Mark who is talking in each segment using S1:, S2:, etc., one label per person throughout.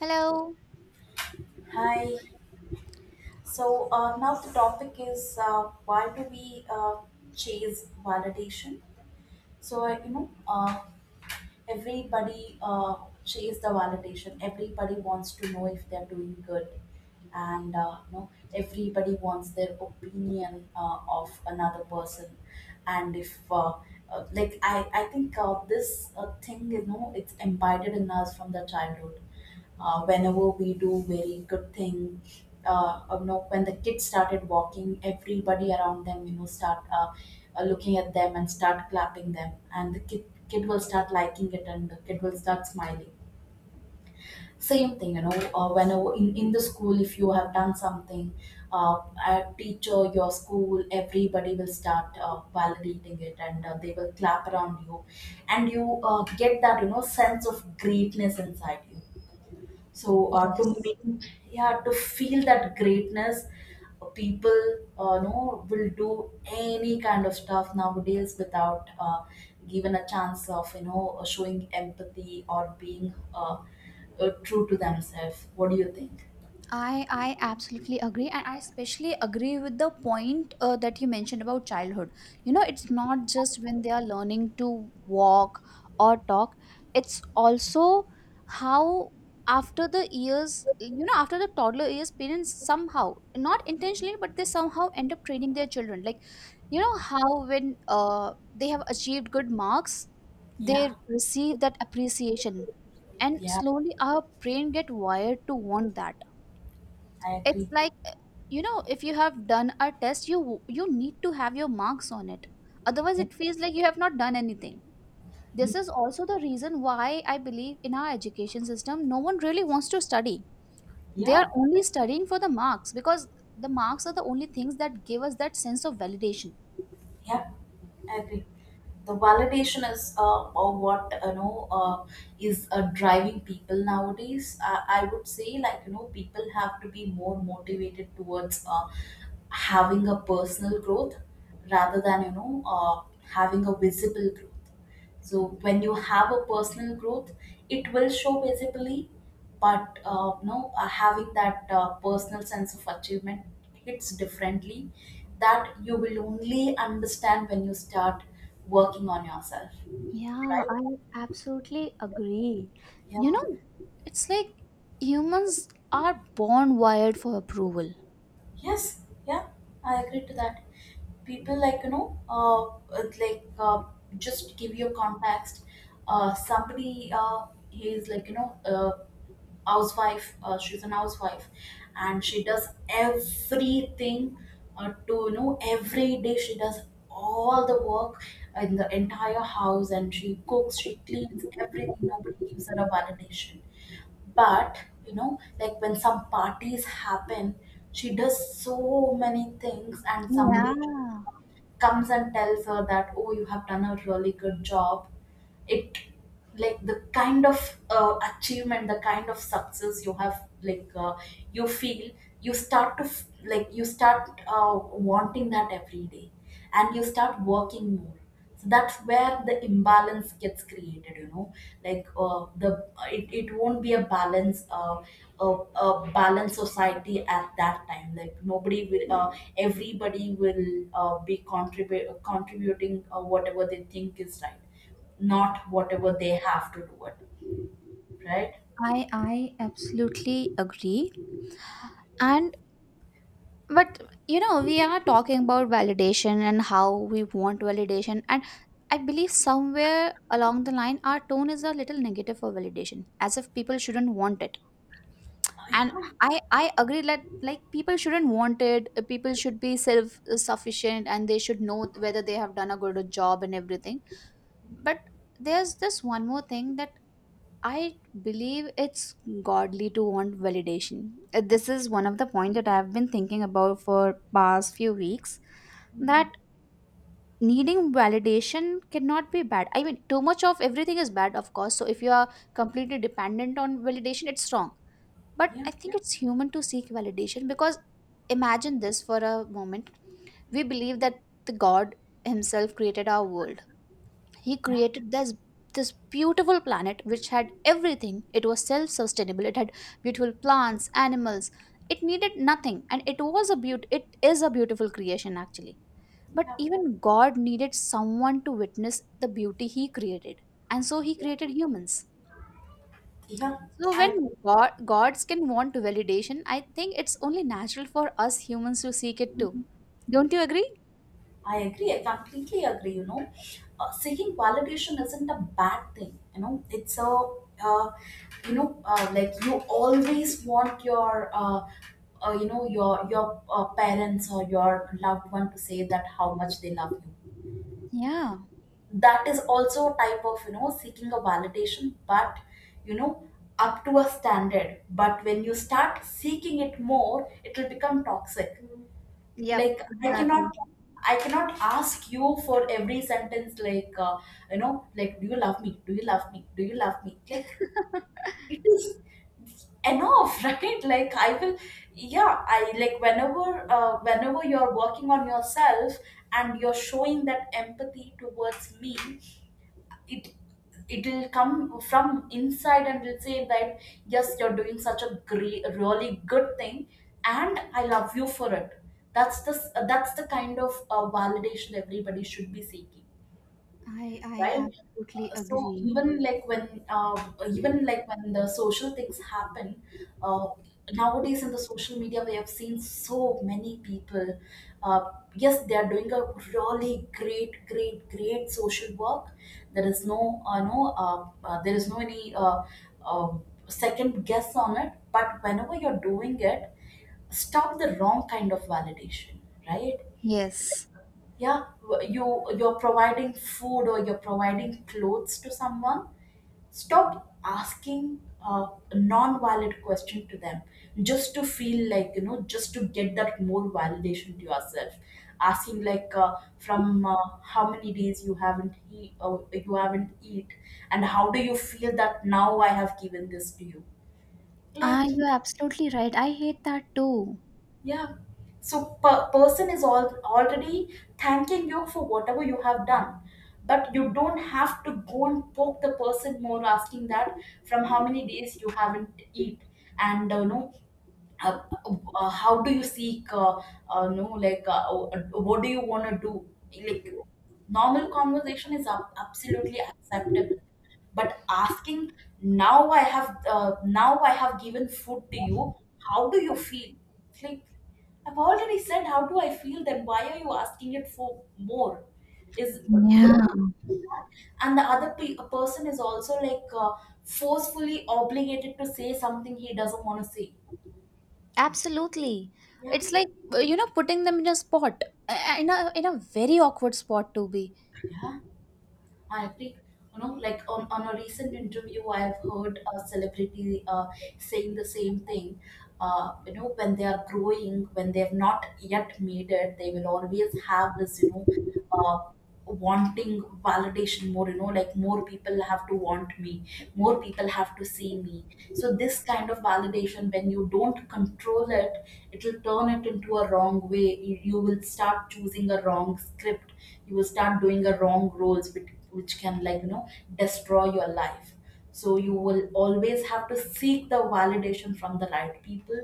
S1: Hello.
S2: Hi. So, now the topic is why do we chase validation? So, everybody chase the validation. Everybody wants to know if they're doing good, and everybody wants their opinion of another person. And if like I think, this thing, it's embedded in us from the childhood, whenever we do very good thing. You know when the kids started walking, everybody around them, start looking at them and start clapping them, and the kid will start liking it, and the kid will start smiling. Same thing, whenever in the school, if you have done something, uh, a teacher, your school, everybody will start validating it, and they will clap around you, and you get that, sense of greatness inside you. So, to
S1: Yes.
S2: make— yeah, to feel that greatness, people know will do any kind of stuff nowadays without, given a chance of, showing empathy or being true to themselves. What do you think?
S1: I absolutely agree, and I especially agree with the point that you mentioned about childhood. You know, it's not just when they are learning to walk or talk; it's also how after the years, you know, after the toddler years, parents somehow, not intentionally, but they somehow end up training their children. Like, you know, how when they have achieved good marks,
S2: Yeah,
S1: they receive that appreciation, and
S2: yeah,
S1: slowly our brain get wired to want that.
S2: I
S1: It's
S2: agree.
S1: like you know, if you have done a test, you need to have your marks on it, otherwise
S2: Yeah.
S1: it feels like you have not done anything. This
S2: Mhm.
S1: is also the reason why I believe in our education system no one really wants to study. They are
S2: Yeah.
S1: only studying for the marks because the marks are the only things that give us that sense of validation.
S2: Yeah, I agree. The validation is what, is driving people nowadays. I would say, like, people have to be more motivated towards, having a personal growth, rather than, having a visible growth. So when you have a personal growth, it will show visibly, but no, having that personal sense of achievement hits differently. That you will only understand when you start working on yourself,
S1: Yeah, I
S2: right?
S1: absolutely agree.
S2: Yeah.
S1: You know, it's like humans are born wired for approval.
S2: Yes. Yeah. I agree to that. People, like, uh, like uh, just to give you a context. Somebody, he is, like, you know. Housewife. She's an housewife, and she does everything to, every day. She does all the work in the entire house, and she cooks, she cleans everything. Nobody gives her a validation. But, like when some parties happen, she does so many things, and somebody
S1: Yeah,
S2: comes and tells her that, oh, you have done a really good job, it, like, the kind of achievement, the kind of success you have, like, you feel, you start to you start wanting that every day, and you start working more. So that's where the imbalance gets created, like, the it won't be a balance, a balanced society at that time. Like nobody will, everybody will be contribute contributing, whatever they think is right, not whatever they have to do it, right?
S1: I absolutely agree. And but you know, we are talking about validation and how we want validation, and I believe somewhere along the line our tone is a little negative for validation as if people shouldn't want it.
S2: Oh,
S1: And
S2: yeah.
S1: I agree that like people shouldn't want it. People should be self sufficient and they should know whether they have done a good job and everything. But there's this one more thing that I believe, it's godly to want validation. This is one of the points that I've been thinking about for past few weeks,
S2: Mhm.
S1: that needing validation cannot be bad. I mean, too much of everything is bad, of course. So if you are completely dependent on validation, it's wrong. But
S2: Yeah,
S1: I think it's human to seek validation because imagine this for a moment. We believe that the God himself created our world. He
S2: yeah,
S1: created this this beautiful planet which had everything. It was self-sustainable, it had beautiful plants, animals, it needed nothing, and it was a beaut, it is a beautiful creation actually. But
S2: yeah,
S1: even god needed someone to witness the beauty he created, and so he
S2: yeah.
S1: created humans.
S2: Yeah,
S1: So when
S2: I
S1: god, gods can want validation, I think it's only natural for us humans to seek it too. Don't you agree?
S2: I agree. I completely agree. Seeking validation isn't a bad thing. It's a, uh, like, you always want your, your parents or your loved one to say that how much they love you,
S1: Yeah.
S2: that is also a type of, seeking a validation. But, you know up to a standard. But when you start seeking it more, it will become toxic. Like, I cannot ask you for every sentence, like, like, do you love me, do you love me, do you love me, like— it is enough. Right, like I will— yeah, I, like, whenever you're working on yourself, and you're showing that empathy towards me, it it'll come from inside and will say that, yes, you're doing such a great, really good thing, and I love you for it. That's the that's the kind of validation everybody should be seeking,
S1: I
S2: right?
S1: absolutely
S2: So,
S1: agree.
S2: uh, even, like, when the social things happen, uh, nowadays in the social media, we have seen so many people. Uh, yes, they are doing a really great, great, great social work. There is no, no, there is no any uh, second guess on it. But whenever you're doing it, stop the wrong kind of validation, right?
S1: Yes.
S2: Yeah, you're providing food or you're providing clothes to someone. Stop asking a non-valid question to them, just to feel like, just to get that more validation to yourself. Asking, like, from, how many days you haven't eat and how do you feel that, now I have given this to you,
S1: Ah,
S2: like—
S1: you're absolutely right. I hate that too.
S2: Yeah. So person is all already thanking you for whatever you have done. But you don't have to go and poke the person more asking that, from how many days you haven't eat, and no uh, how do you seek no like what do you want to do, like, normal conversation is absolutely acceptable. But asking, now I have given food to you, how do you feel? It's like, I've already said how do I feel, then why are you asking it for more? Is—
S1: Yeah.
S2: don't— and the other person is also, like, forcefully obligated to say something he doesn't want to say.
S1: Absolutely.
S2: Yeah.
S1: It's like, you know, putting them in a spot, in a very awkward spot to be.
S2: Ya, I think, like, on a recent interview, I've heard a celebrity saying the same thing. When they are growing, when they have not yet made it, they will always have this, uh, wanting validation more. Like, more people have to want me, more people have to see me. So this kind of validation, when you don't control it, it will turn it into a wrong way. You will start choosing a wrong script, you will start doing a wrong roles, which can, like, destroy your life. So you will always have to seek the validation from the right people.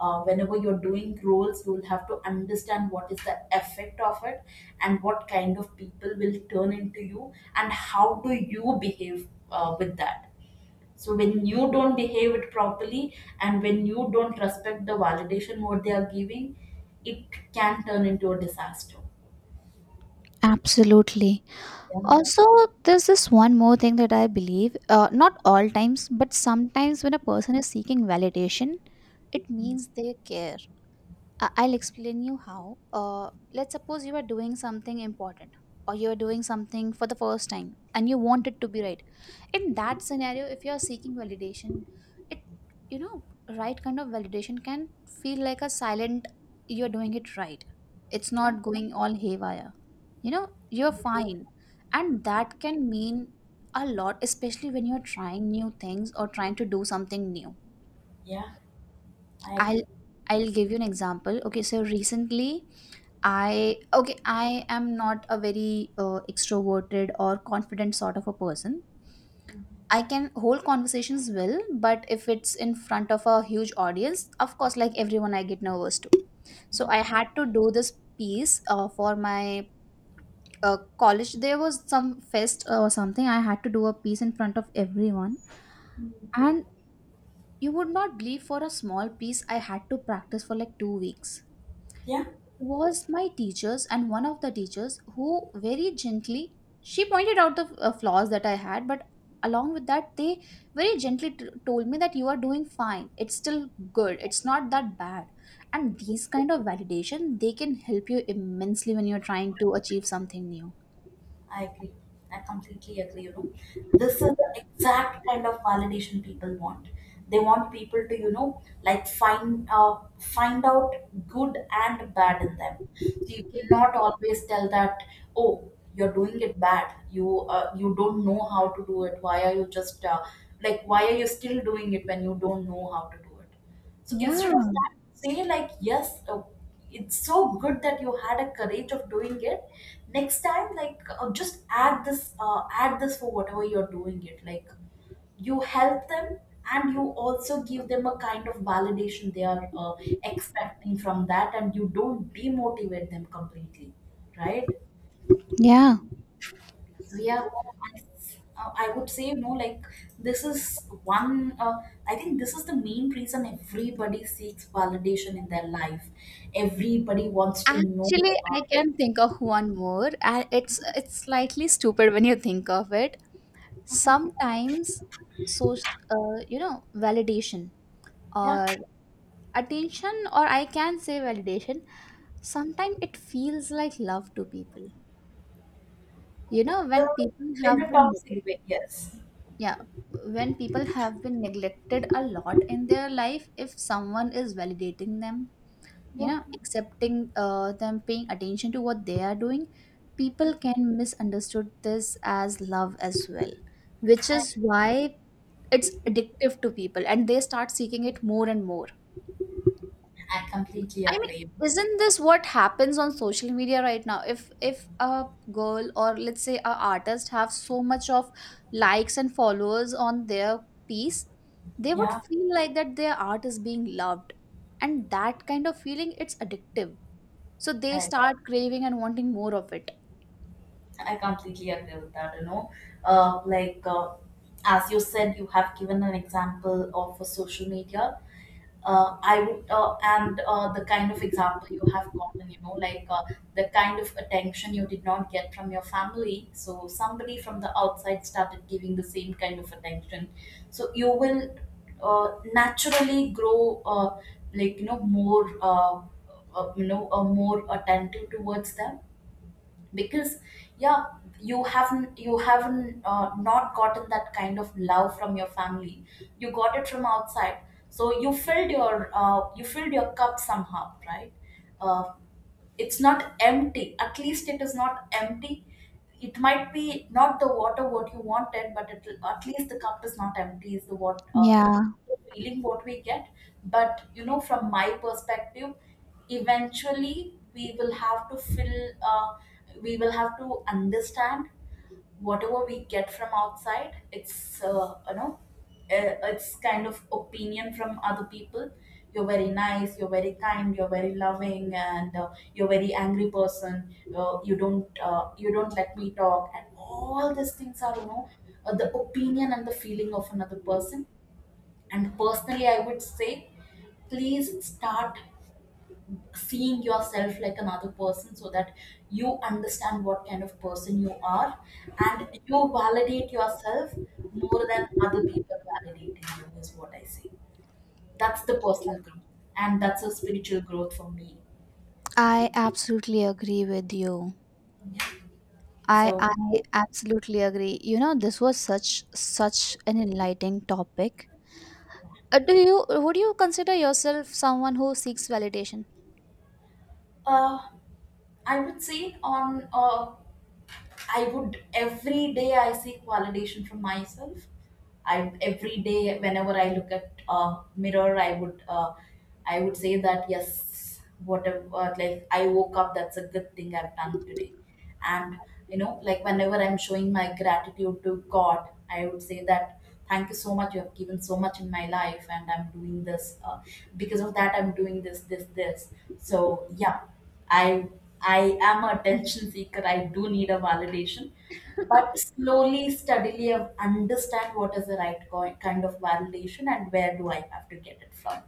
S2: Whenever you're doing roles, you will have to understand what is the effect of it, and what kind of people will turn into you, and how do you behave, with that. So when you don't behave it properly and when you don't respect the validation what they are giving, it can turn into a disaster.
S1: Absolutely.
S2: Yeah,
S1: Also, there's this one more thing that I believe, not all times, but sometimes when a person is seeking validation, it means they care. I'll explain you how. Let's suppose you are doing something important, or you're doing something for the first time and you want it to be right. In that scenario, if you're seeking validation, it, you know, right kind of validation can feel like a silent you're doing it right, it's
S2: yeah,
S1: not going all haywire, you know, you're
S2: I agree.
S1: fine. And that can mean a lot, especially when you're trying new things or trying to do something new.
S2: Yeah, I
S1: i'll
S2: agree.
S1: i'll give you an example. Okay, so recently I am not a very extroverted or confident sort of a person. I can hold conversations well, but if it's in front of a huge audience, of course, like everyone, I get nervous too. So
S2: Yeah.
S1: I had to do this piece for my college. There was some fest or something. I had to do a piece in front of everyone, and you would not believe, for a small piece I had to practice for like 2 weeks.
S2: Yeah,
S1: Was my teachers, and one of the teachers who very gently, she pointed out the flaws that I had, but along with that they very gently told me that you are doing fine, it's still good, it's not that bad. And these kind of validation they can help you immensely when you're trying to achieve something new.
S2: I agree. I completely agree, you know. This is the exact kind of validation people want. They want people to, like, find out good and bad in them. So you cannot always tell that, oh, you're doing it bad. You don't know how to do it. Why are you just, like, why are you still doing it when you don't know how to do it? So
S1: Yeah.
S2: instead of that, say like, yes, it's so good that you had a courage of doing it. Next time, like, just add this for whatever you're doing it. Like, you help them, and you also give them a kind of validation they are expecting from that, and you don't demotivate them completely, right?
S1: Yeah.
S2: Yeah. I, I would say, no, like, this is one, I think this is the main reason everybody seeks validation in their life. Everybody wants to know,
S1: Actually,
S2: uh,
S1: I can think of one more, and it's slightly stupid when you think of it.
S2: uh-huh,
S1: Sometimes, so you know, validation,
S2: yeah,
S1: or attention, or I can say validation, sometimes it feels like love to people. You know, when
S2: the,
S1: people
S2: in
S1: have
S2: a
S1: been neglected,
S2: toxic way, yes.
S1: yeah, when people have been neglected a lot in their life, if someone is validating them, you
S2: Yeah,
S1: know, accepting them, paying attention to what they are doing,
S2: yeah.
S1: people can misunderstood this as love as well. Which
S2: I,
S1: is why it's addictive to people and they start seeking it more and more.
S2: I completely
S1: I mean,
S2: agree.
S1: isn't this what happens on social media right now? If a girl, or let's say a artist, have so much of likes and followers on their piece, they would
S2: Yeah,
S1: feel like that their art is being loved, and that kind of feeling, it's addictive. So they
S2: i
S1: start craving and wanting more of it.
S2: I completely agree with that, you know. Like, as you said, you have given an example of a social media. I would, and The kind of example you have gotten, like, the kind of attention you did not get from your family. So somebody from the outside started giving the same kind of attention. So you will naturally grow, like, more attentive towards them, because— yeah, you haven't not gotten that kind of love from your family. You got it from outside. So you filled your cup somehow, right? uh, it's not empty, at least it is not empty. It might be not the water what you wanted, but at least the cup is not empty, is the what,
S1: Yeah,
S2: the feeling what we get. But, from my perspective, eventually, uh, we will have to understand, whatever we get from outside, it's you know it's kind of opinion from other people. You're very nice, you're very kind, you're very loving, and you're very angry person, you don't let me talk, and all these things are, you know, the opinion and the feeling of another person. And personally, I would say, please start seeing yourself like another person, so that you understand what kind of person you are, and you validate yourself more than other people validating you, is what I say. That's the personal growth, and that's a spiritual growth for me.
S1: I absolutely agree with you. I
S2: so
S1: I absolutely agree. You know, this was such such an enlightening topic. Do you would you consider yourself someone who seeks validation?
S2: uh, i would say on uh, I would, every day, I seek validation from myself. I, every day, whenever I look at a mirror, I would, say that, yes, whatever like, I woke up, that's a good thing I've done today. And, like whenever I'm showing my gratitude to God, I would say that, thank you so much. You have given so much in my life, and I'm doing this because of that. I'm doing this, this, this. So yeah, I I am a attention seeker. I do need a validation, but slowly, steadily, I understand what is the right kind of validation, and where do I have to get it from.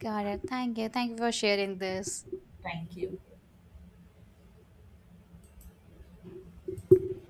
S1: Got it. Thank you. Thank you for sharing this.
S2: Thank you.